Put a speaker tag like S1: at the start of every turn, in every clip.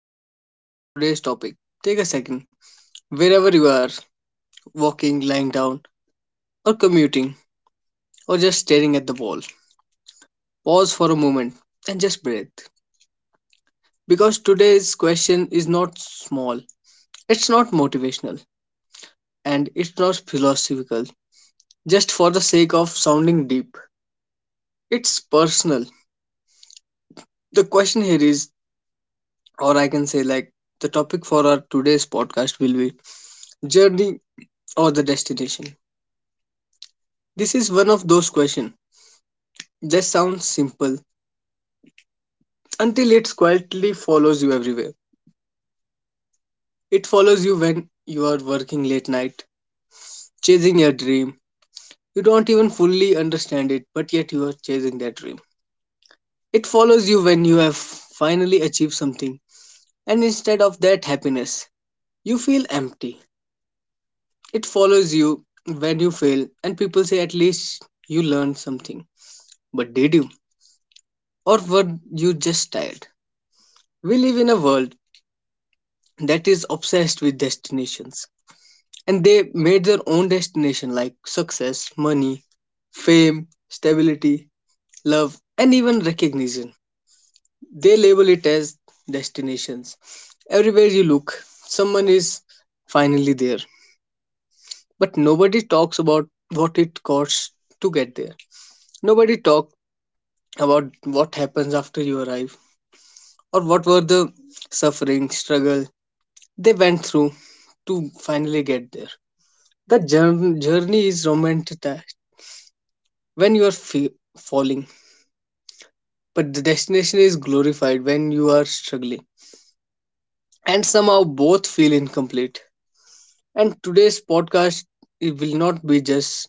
S1: begin our today's topic, take a second. Wherever you are, walking, lying down, or commuting, or just staring at the wall, pause for a moment and just breathe. Because today's question is not small, it's not motivational, and it's not philosophical, just for the sake of sounding deep. It's personal. The question here is, or I can say like, the topic for our today's podcast will be journey or the destination. This is one of those questions that sounds simple until it quietly follows you everywhere. It follows you when you are working late night, chasing your dream. You don't even fully understand it, but yet you are chasing that dream. It follows you when you have finally achieved something, and instead of that happiness, you feel empty. It follows you when you fail, and people say at least you learned something. But did you? Or were you just tired? We live in a world that is obsessed with destinations, and they made their own destination like success, money, fame, stability, love, and even recognition. They label it as destinations. Everywhere you look, someone is finally there, but nobody talks about what it costs to get there. Nobody talks about what happens after you arrive or what were the suffering, struggle, they went through to finally get there. The journey is romanticized when you are falling, but the destination is glorified when you are struggling. And somehow both feel incomplete. And today's podcast, it will not be just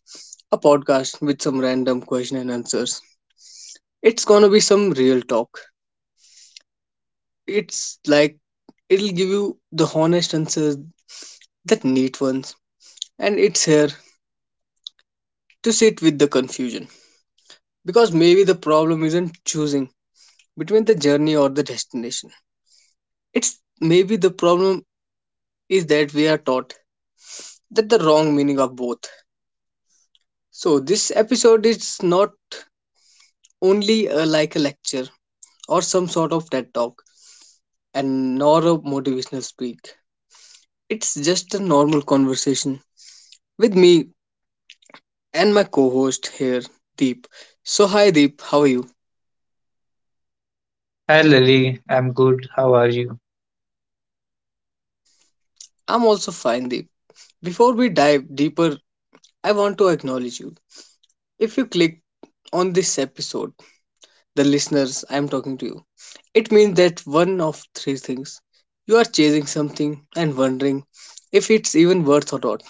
S1: a podcast with some random question and answers. It's gonna be some real talk. It's like it'll give you the honest answers that neat ones. And it's here to sit with the confusion. Because maybe the problem isn't choosing between the journey or the destination. It's maybe the problem is that we are taught that the wrong meaning of both. So this episode is not only a, like a lecture or some sort of TED talk and nor a motivational speak. It's just a normal conversation with me and my co-host here, Deep. So hi Deep, how are you?
S2: Hi Lily, I'm good. How are you?
S1: I'm also fine Deep. Before we dive deeper, I want to acknowledge you. If you click on this episode, the listeners, I am talking to you, it means that one of three things. You are chasing something and wondering if it's even worth or not.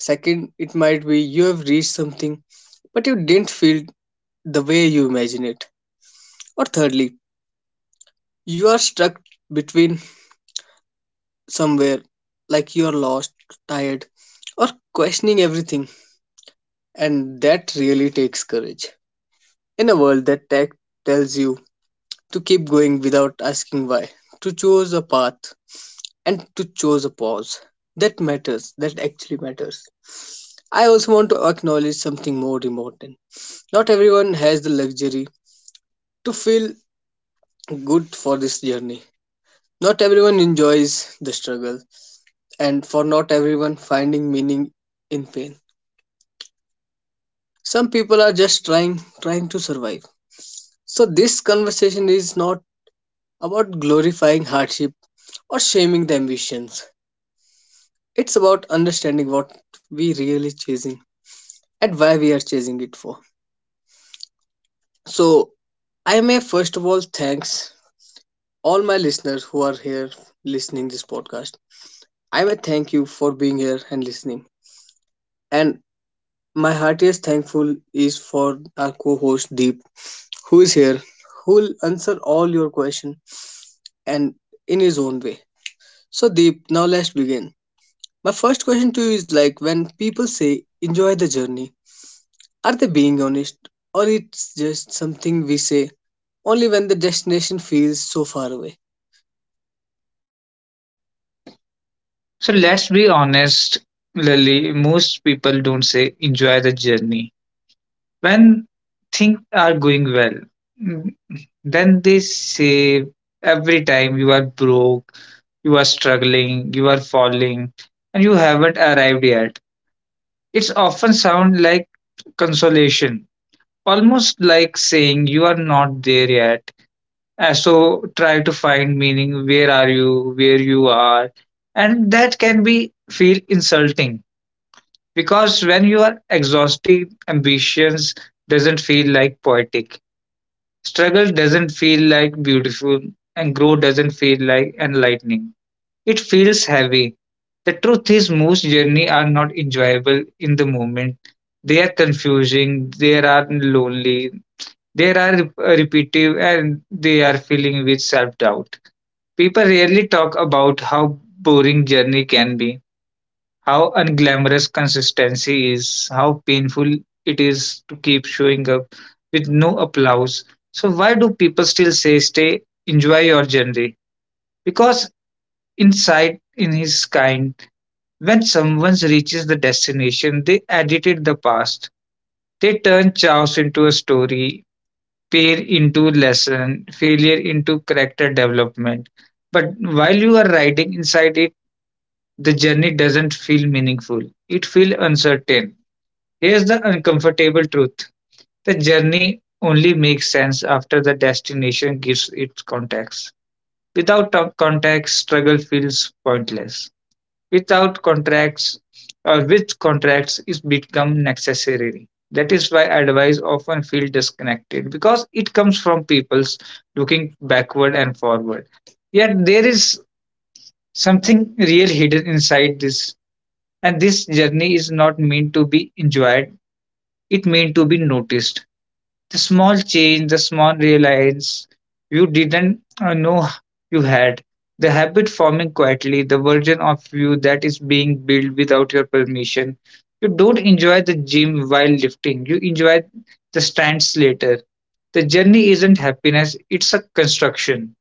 S1: Second, it might be you have reached something but you didn't feel the way you imagine it. Or thirdly, you are stuck between somewhere like you are lost, tired, or questioning everything, and that really takes courage. In a world that tech tells you to keep going without asking why, to choose a path and to choose a pause. That matters, that actually matters. I also want to acknowledge something more important. Not everyone has the luxury to feel good for this journey. Not everyone enjoys the struggle, and for not everyone, finding meaning in pain. Some people are just trying, trying to survive. So, this conversation is not about glorifying hardship or shaming the ambitions. It's about understanding what we really chasing and why we are chasing it for. So I may first of all thanks all my listeners who are here listening this podcast. I may thank you for being here and listening. And my heartiest thankful is for our co-host Deep, who is here, who will answer all your question and in his own way. So Deep, now let's begin. My first question to you is like, when people say enjoy the journey, are they being honest, or it's just something we say only when the destination feels so far away?
S2: So let's be honest, Lily, most people don't say enjoy the journey. When things are going well, mm, then they say every time you are broke, you are struggling, you are falling, and you haven't arrived yet. It's often sound like consolation, almost like saying you are not there yet. So try to find meaning. Where are you? Where you are? And that can be feel insulting because when you are exhausted, ambitions doesn't feel like poetic. Struggle doesn't feel like beautiful, and growth doesn't feel like enlightening. It feels heavy. The truth is, most journey are not enjoyable in the moment. They are confusing. They are lonely. They are repetitive, and they are filling with self doubt. People rarely talk about how boring journey can be, how unglamorous consistency is, how painful it is to keep showing up with no applause. So why do people still say stay enjoy your journey? Because inside in his kind, when someone reaches the destination, they edited the past. They turn chaos into a story, pain into lesson, failure into character development. But while you are riding inside it, the journey doesn't feel meaningful. It feels uncertain. Here's the uncomfortable truth, the journey only makes sense after the destination gives it context. Without to- context, struggle feels pointless. Without contracts, or with contracts, it becomes necessary. That is why advice often feels disconnected because it comes from people's looking backward and forward. Yet there is something real hidden inside this, and this journey is not meant to be enjoyed, it meant to be noticed, the small change, the small realize you didn't know you had, the habit forming quietly, the version of you that is being built without your permission. You don't enjoy the gym while lifting, you enjoy the stands later. The journey isn't happiness, it's a construction,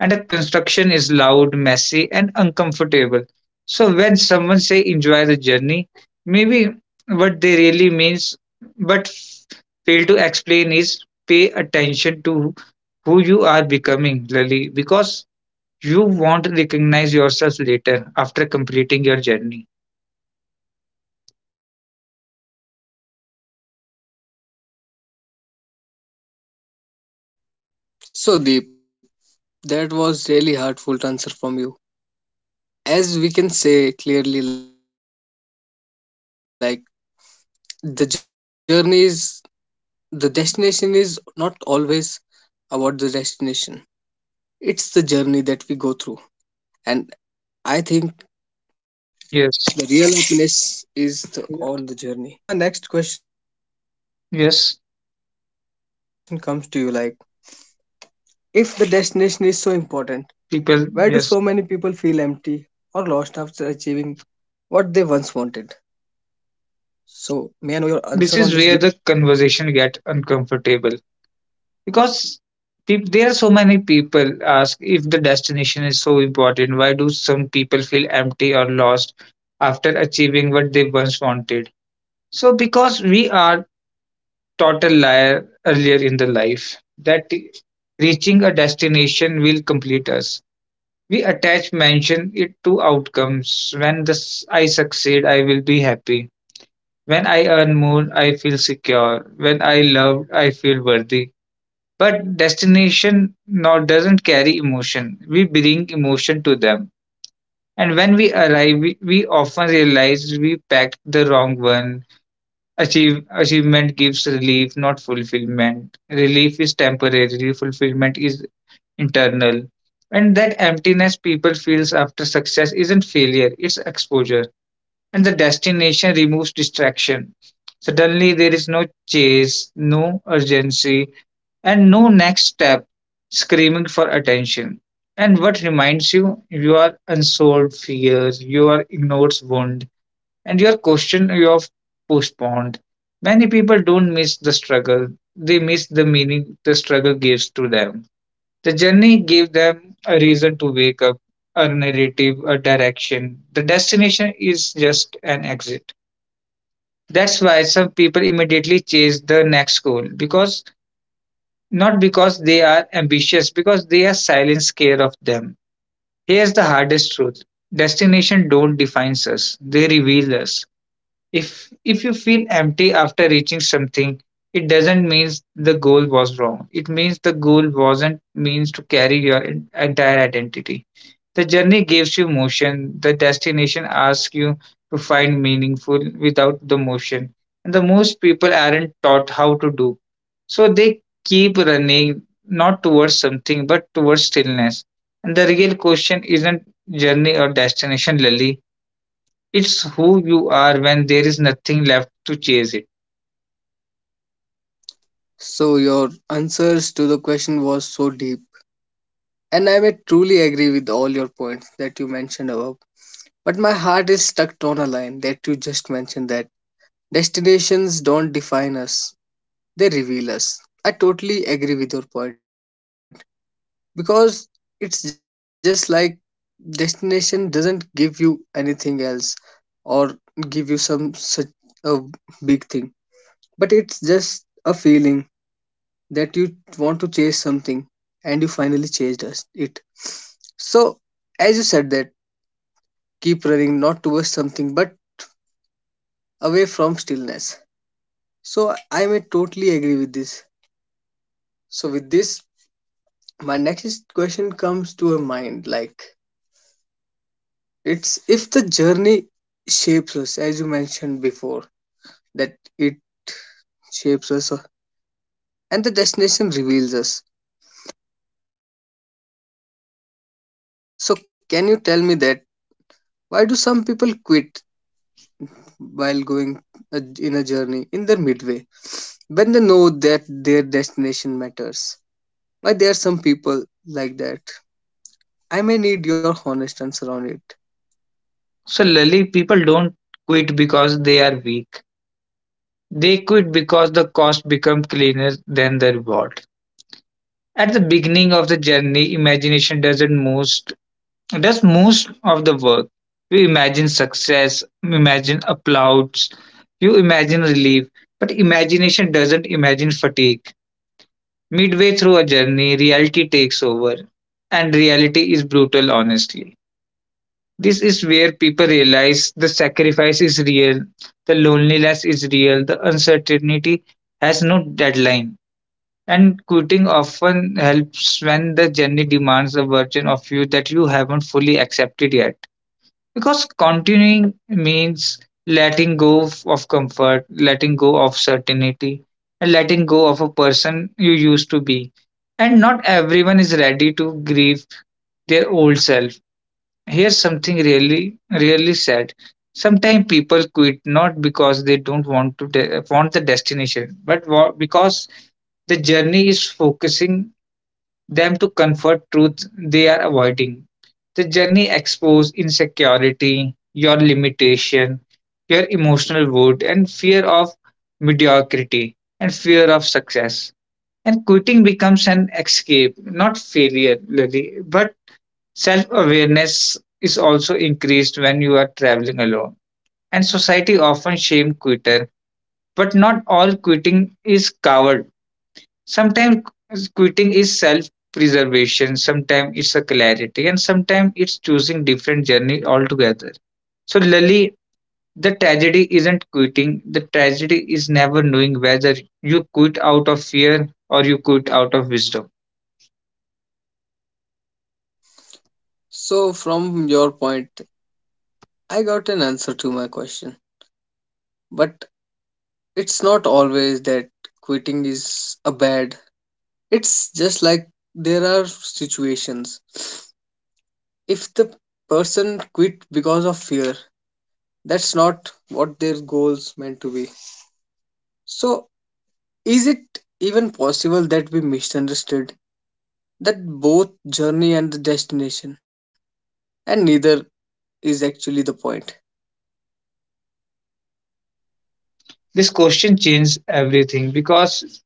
S2: and the construction is loud, messy, and uncomfortable. So when someone say enjoy the journey, maybe what they really means, but fail to explain is pay attention to who you are becoming, Lily, because you won't recognize yourself later after completing your journey.
S1: So, Deep, that was really heartful answer from you. As we can say clearly, like the journey is, the destination is not always about the destination. It's the journey that we go through, and I think the real happiness is on the
S2: Yes,
S1: journey.
S2: yeah.
S1: So, there's my next question
S2: Yes,
S1: comes to you, like if the destination is so important, why do so many people feel
S2: people,
S1: empty
S2: yes.
S1: or lost after achieving what they once wanted? So, may I know your answer on
S2: This
S1: this,
S2: is
S1: Deep?
S2: where the conversation get uncomfortable because peop there are so many people ask if the destination is so important, why do some people feel empty or lost after achieving what they once wanted. So because we are taught a liar earlier in the life that reaching a destination will complete us. We attach mention it to outcomes. When this, I succeed I will be happy, when I earn more I feel secure, when I love I feel worthy. But destination now doesn't carry emotion, we bring emotion to them, and when we arrive we often realize we packed the wrong one. Achievement gives relief not fulfillment. Relief is temporary, fulfillment is internal. And that emptiness people feels after success isn't failure, it's exposure, and the destination removes distraction. Suddenly there is no chase, no urgency, and no next step screaming for attention. And what reminds you, your unsolved fears, your ignored wound, and your question you have postponed. Many people don't miss the struggle, they miss the meaning the struggle gives to them. The journey gave them a reason to wake up, a narrative, a direction. The destination is just an exit. That's why some people immediately chase the next goal, because not because they are ambitious, because they are silent scared of them. Here's the hardest truth, destination don't define us, they reveal us. If you feel empty after reaching something, it doesn't mean the goal was wrong, it means the goal wasn't means to carry your entire identity. The journey gives you motion, the destination asks you to find meaningful without the motion. And the most people aren't taught how to do. So they keep running not towards something but towards stillness. And the real question isn't journey or destination, Lily. It's who you are when there is nothing left to chase it.
S1: So your answers to the question was so deep, and I may truly agree with all your points that you mentioned above. But my heart is stuck on a line that you just mentioned that destinations don't define us, they reveal us. I totally agree with your point. Because it's just like destination doesn't give you anything else or give you some such a big thing, but it's just a feeling that you want to chase something and you finally chased us it. So as you said that, keep running not towards something but away from stillness. So I may totally agree with this. So with this, my next question comes to a mind, like It's if the journey shapes us, as you mentioned before, that it shapes us, and the destination reveals us. So, can you tell me that why do some people quit while going in a journey in their midway, when they know that their destination matters? Why there are some people like that? I may need your honest answer on it.
S2: So, Lily, people don't quit because they are weak. They quit because the cost becomes cleaner than the reward. At the beginning of the journey, imagination doesn't most does most of the work. You imagine success, imagine applause, you imagine relief, but imagination doesn't imagine fatigue. Midway through a journey, reality takes over, and reality is brutal, honestly. This is where people realize the sacrifice is real, the loneliness is real, the uncertainty has no deadline. And quitting often helps when the journey demands a version of you that you haven't fully accepted yet. Because continuing means letting go of comfort, letting go of certainty, and letting go of a person you used to be. And not everyone is ready to grieve their old self. Here's something really, really sad. Sometimes people quit not because they don't want to de- want the destination, but because the journey is focusing them to comfort truths they are avoiding. The journey exposes insecurity, your limitation, your emotional wound, and fear of mediocrity and fear of success. And quitting becomes an escape, not failure, Lily, but self awareness is also increased when you are traveling alone. And society often shame quitter, but not all quitting is coward. Sometimes quitting is self preservation, sometimes it's a clarity, and sometimes it's choosing different journey altogether. So Lali, the tragedy isn't quitting, the tragedy is never knowing whether you quit out of fear or you quit out of wisdom.
S1: So, from your point, I got an answer to my question, but it's not always that quitting is a bad. It's just like there are situations. If the person quit because of fear, that's not what their goals meant to be. So, is it even possible that we misunderstood that both journey and the destination, and neither is actually the point?
S2: This question changes everything, because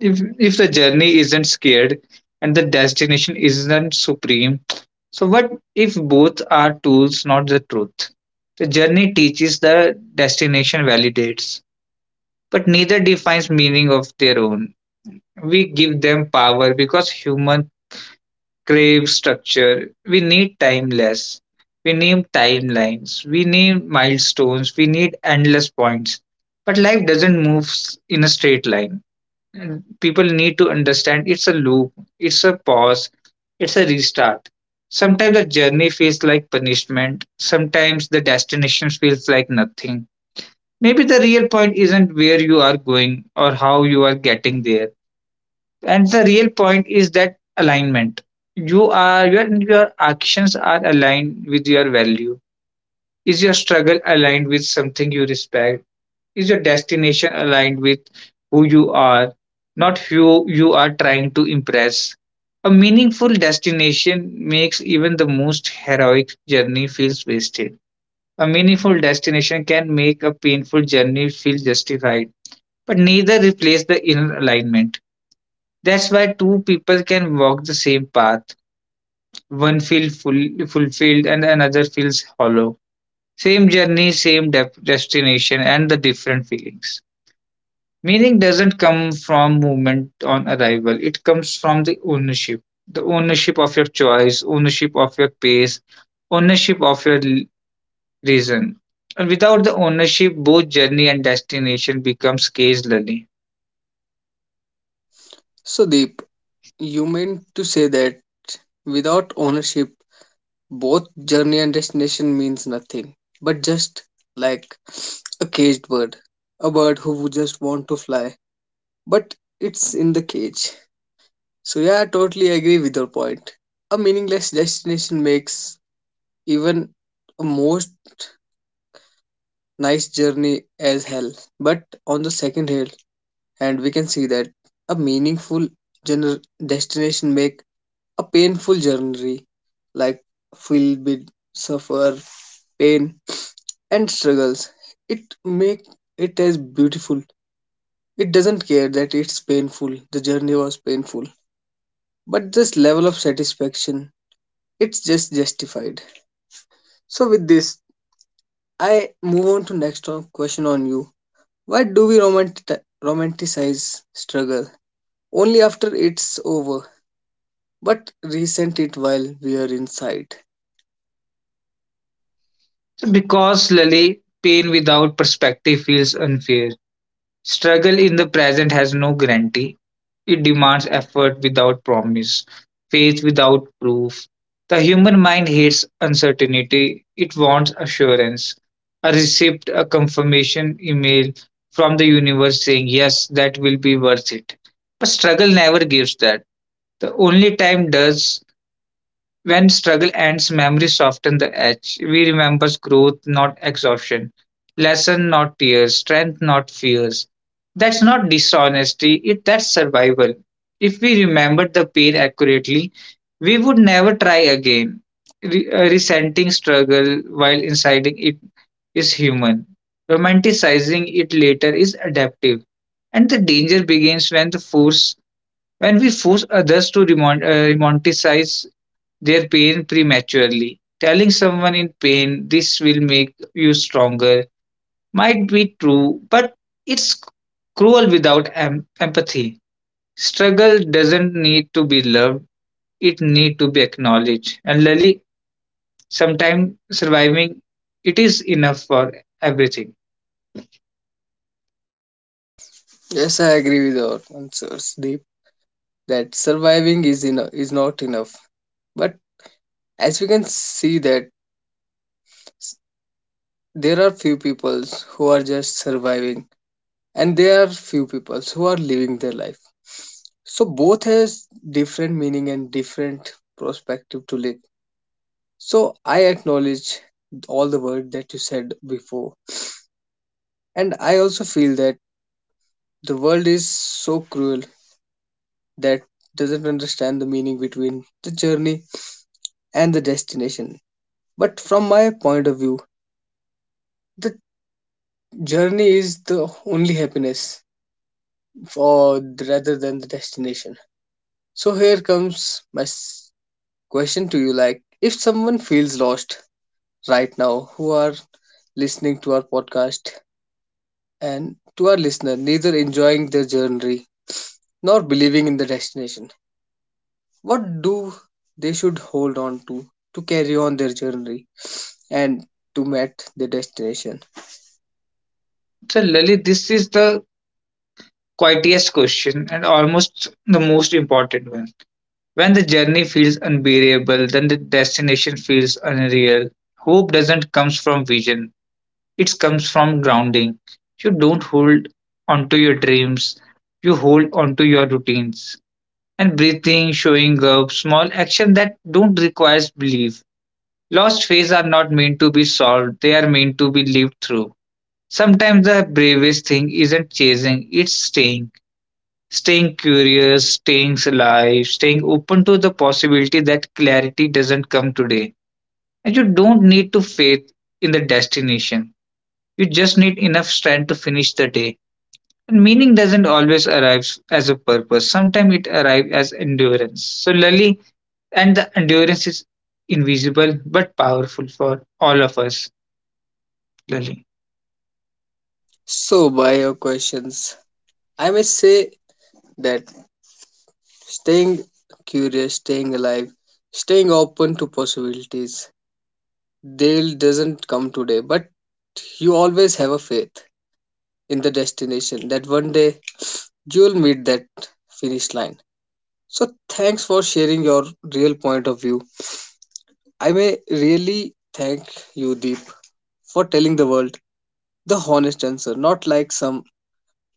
S2: if the journey isn't scared and the destination isn't supreme, so what if both are tools not the truth. The journey teaches, the destination validates, but neither defines meaning of their own. We give them power because human crave structure. We need timeless. We need timelines. We need milestones. We need endless points. But life doesn't in a straight line. And people need to understand it's a loop, it's a pause, it's a restart. Sometimes the journey feels like punishment, sometimes the destination feels like nothing. Maybe the real point isn't where you are going or how you are getting there. And the real point is that alignment. You are your actions are aligned with your value. Is your struggle aligned with something you respect? Is your destination aligned with who you are, not who you are trying to impress? A meaningful destination makes even the most heroic journey feels wasted. A meaningful destination can make a painful journey feel justified, but neither replace the inner alignment. That's why two people can walk the same path. One feels full, fulfilled, and another feels hollow. Same journey, same destination, and the different feelings. Meaning doesn't come from movement on arrival, it comes from the ownership. The ownership of your choice, ownership of your pace, ownership of your reason. And without the ownership, both journey and destination becomes case learning.
S1: So, Deep, you meant to say that without ownership, both journey and destination means nothing, but just like a caged bird, a bird who would just want to fly but it's in the cage. So yeah, I totally agree with your point. A meaningless destination makes even a most nice journey as hell. But on the second hand, and we can see that a meaningful destination make a painful journey, like filled with suffer, pain and struggles. It make it as beautiful. It doesn't care that it's painful. The journey was painful, but this level of satisfaction, it's just justified. So with this, I move on to next question on you. Why do we romanticize struggle only after it's over, but resent it while we are inside?
S2: Because Lily, pain without perspective feels unfair. Struggle in the present has no guarantee. It demands effort without promise, faith without proof. The human mind hates uncertainty. It wants assurance. A receipt, a confirmation email from the universe saying, yes, that will be worth it. But struggle never gives that. The only time does, when struggle ends, memory softens the edge. We remember growth, not exhaustion, lesson, not tears, strength, not fears. That's not dishonesty, it that's survival. If we remembered the pain accurately, we would never try again. Resenting struggle while inciting it is human. Romanticizing it later is adaptive. And the danger begins when the force when we force others to romanticize their pain prematurely. Telling someone in pain, this will make you stronger, might be true, but it's cruel without empathy. Struggle doesn't need to be loved, it need to be acknowledged. And Lali, sometimes surviving it is enough for everything.
S1: Yes, I agree with your answers, Deep, that surviving is enough is not enough. But as we can see that there are few peoples who are just surviving, and there are few peoples who are living their life. So both has different meaning and different perspective to live. So I acknowledge all the word that you said before. And I also feel that the world is so cruel that doesn't understand the meaning between the journey and the destination. But from my point of view, the journey is the only happiness for rather than the destination. So here comes my question to you, like if someone feels lost right now who are listening to our podcast, and to our listener, neither enjoying their journey nor believing in the destination. What do they should hold on to carry on their journey and to meet their destination?
S2: So Lali, this is the quietest question and almost the most important one. When the journey feels unbearable, then the destination feels unreal. Hope doesn't comes from vision. It comes from grounding. You don't hold onto your dreams. You hold onto your routines. And breathing, showing up, small action that don't requires belief. Lost phases are not meant to be solved. They are meant to be lived through. Sometimes the bravest thing isn't chasing, it's staying curious, staying alive, staying open to the possibility that clarity doesn't come today. And you don't need to faith in the destination. You just need enough strength to finish the day. And meaning doesn't always arrive as a purpose. Sometimes it arrives as endurance. So Lali, and the endurance is invisible but powerful for all of us, Lali.
S1: So, by your questions, I may say that staying curious, staying alive, staying open to possibilities, they'll doesn't come today, but you always have a faith in the destination that one day you'll meet that finish line. So thanks for sharing your real point of view. I may really thank you, Deep, for telling the world the honest answer, not like some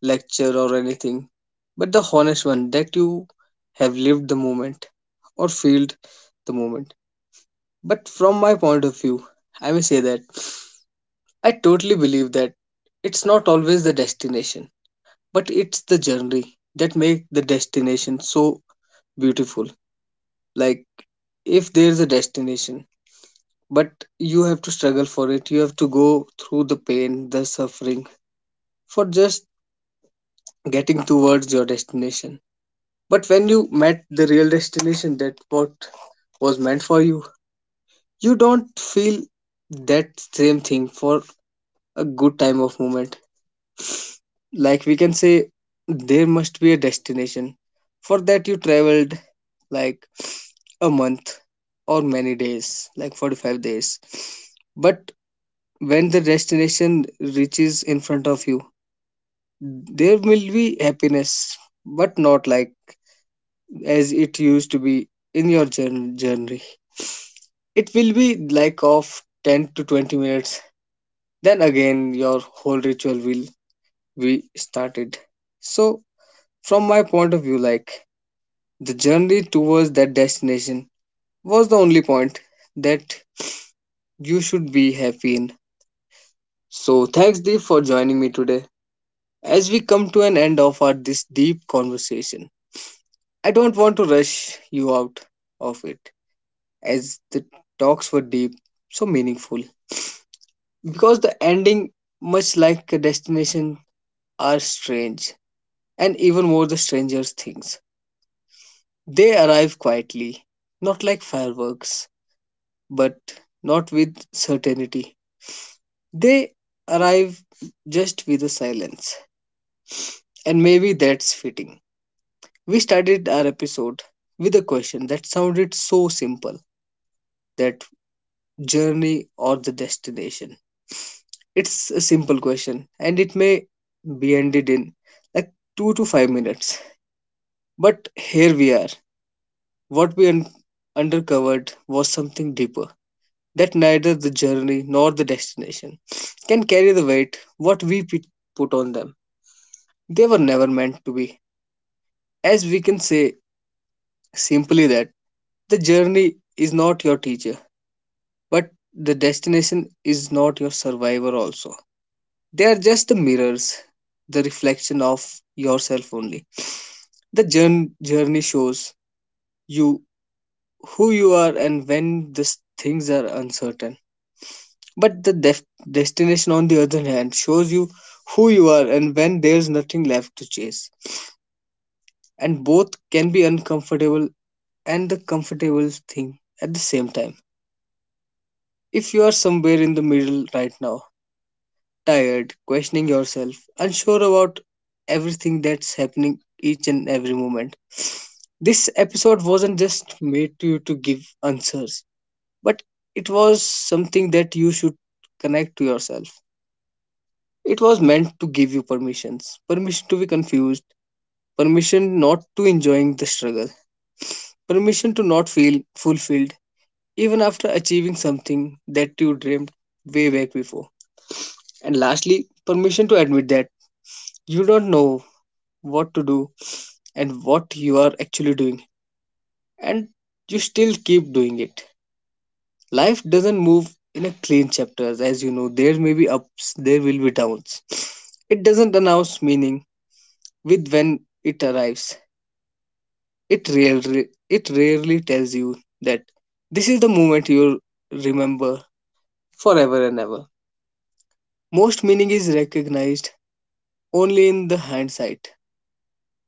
S1: lecture or anything, but the honest one that you have lived the moment or felt the moment. But from my point of view, I may say that I totally believe that it's not always the destination, but it's the journey that make the destination so beautiful. Like if there is a destination, but you have to struggle for it, you have to go through the pain, the suffering, for just getting towards your destination. But when you met the real destination, that what was meant for you, you don't feel that same thing for a good time of moment. Like we can say there must be a destination for that you traveled like a month or many days, like 45 days. But when the destination reaches in front of you, there will be happiness, but not like as it used to be in your journey. It will be like of 10 to 20 minutes, then again your whole ritual will be started. So from my point of view, like, the journey towards that destination was the only point that you should be happy in. So thanks, Deep, for joining me today, as we come to an end of our this deep conversation. I don't want to rush you out of it, as the talks were deep, so meaningful. Because the ending, much like a destination, are strange, and even more the stranger things. They arrive quietly, not like fireworks, but not with certainty. They arrive just with a silence, and maybe that's fitting. We started our episode with a question that sounded so simple, that journey or the destination? It's a simple question and it may be ended in like 2 to 5 minutes. But here we are. What we undercovered was something deeper, that neither the journey nor the destination can carry the weight what we put on them. They were never meant to be. As we can say simply that the journey is not your teacher, but the destination is not your survivor also. They are just the mirrors, the reflection of yourself only. The journey shows you who you are and when this things are uncertain. But the destination, on the other hand, shows you who you are and when there's nothing left to chase. And both can be uncomfortable and the comfortable thing at the same time. If you are somewhere in the middle right now, tired, questioning yourself, unsure about everything that's happening each and every moment, this episode wasn't just made to you to give answers, but it was something that you should connect to yourself. It was meant to give you permissions, permission to be confused, permission not to enjoying the struggle, permission to not feel fulfilled even after achieving something that you dreamed way back before. And lastly, permission to admit that you don't know what to do and what you are actually doing, and you still keep doing it. Life doesn't move in a clean chapters, as you know. There may be ups, there will be downs. It doesn't announce meaning with when it arrives. It rarely tells you that this is the moment you'll remember forever and ever. Most meaning is recognized only in the hindsight,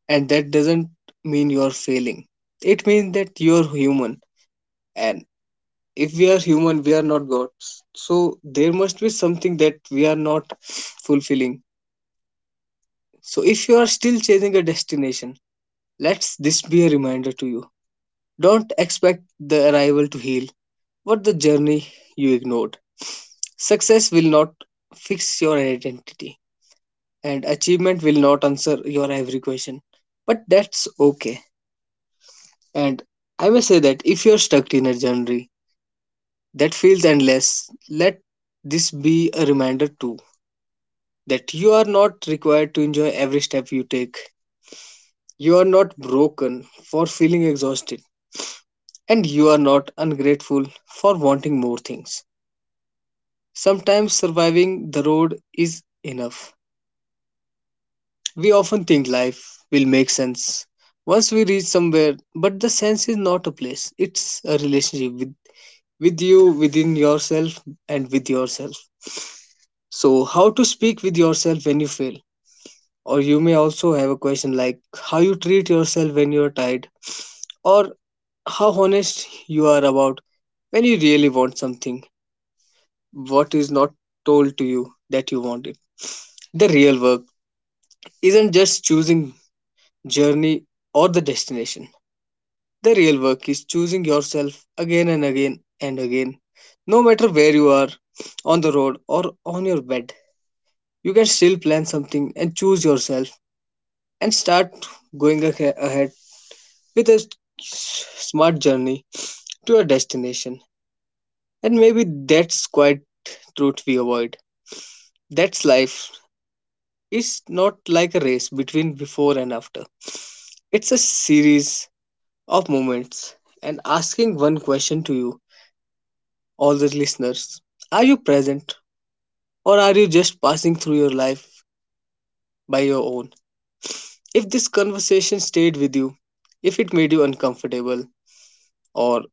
S1: and that doesn't mean you're failing. It means that you're human, and if we are human, we are not gods. So there must be something that we are not fulfilling. So, if you are still chasing a destination, let this be a reminder to you. Don't expect the arrival to heal what the journey you ignored. Success will not fix your identity, and achievement will not answer your every question. But that's okay. And I may say that if you're stuck in a journey that feels endless, let this be a reminder too that you are not required to enjoy every step you take. You are not broken for feeling exhausted, and you are not ungrateful for wanting more things. Sometimes surviving the road is enough. We often think life will make sense once we reach somewhere, but the sense is not a place, it's a relationship with you, within yourself, and with yourself. So, how to speak with yourself when you fail? Or you may also have a question like, how you treat yourself when you are tired, or how honest you are about when you really want something what is not told to you that you wanted. The real work isn't just choosing journey or the destination. The real work is choosing yourself again and again and again. No matter where you are, on the road or on your bed, you can still plan something and choose yourself and start going ahead with a smart journey to a destination. And maybe that's quite truth we avoid. That's life is not like a race between before and after. It's a series of moments, and asking one question to you, all the listeners. Are you present, or are you just passing through your life by your own? If this conversation stayed with you, if it made you uncomfortable, or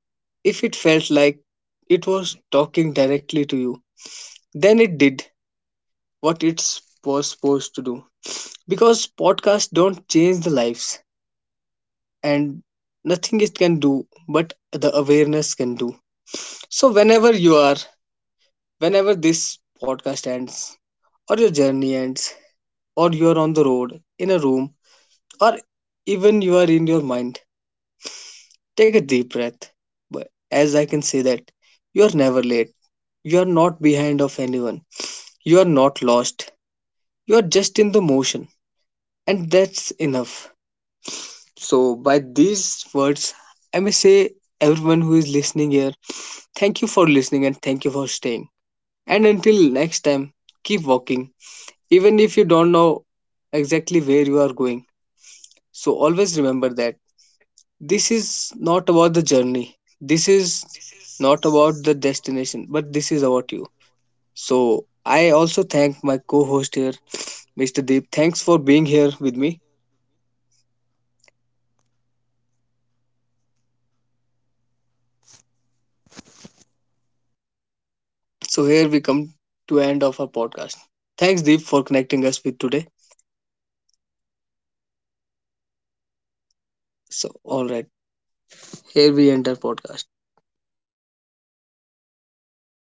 S1: if it felt like it was talking directly to you, then it did what it was supposed to do. Because podcasts don't change the lives, and nothing it can do but the awareness can do. So whenever you are, whenever this podcast ends or your journey ends, or you are on the road, in a room, or even you are in your mind, take a deep breath. But as I can say that, you are never late, you are not behind of anyone, you are not lost, you are just in the motion, and that's enough. So by these words, I may say, everyone who is listening here, thank you for listening and thank you for staying. And until next time, keep walking, even if you don't know exactly where you are going. So always remember that this is not about the journey, this is not about the destination, but this is about you. So I also thank my co host here, Mr. Deep. Thanks for being here with me. So here we come to end of our podcast. Thanks Deep for connecting us with today. So all right, here we end our podcast.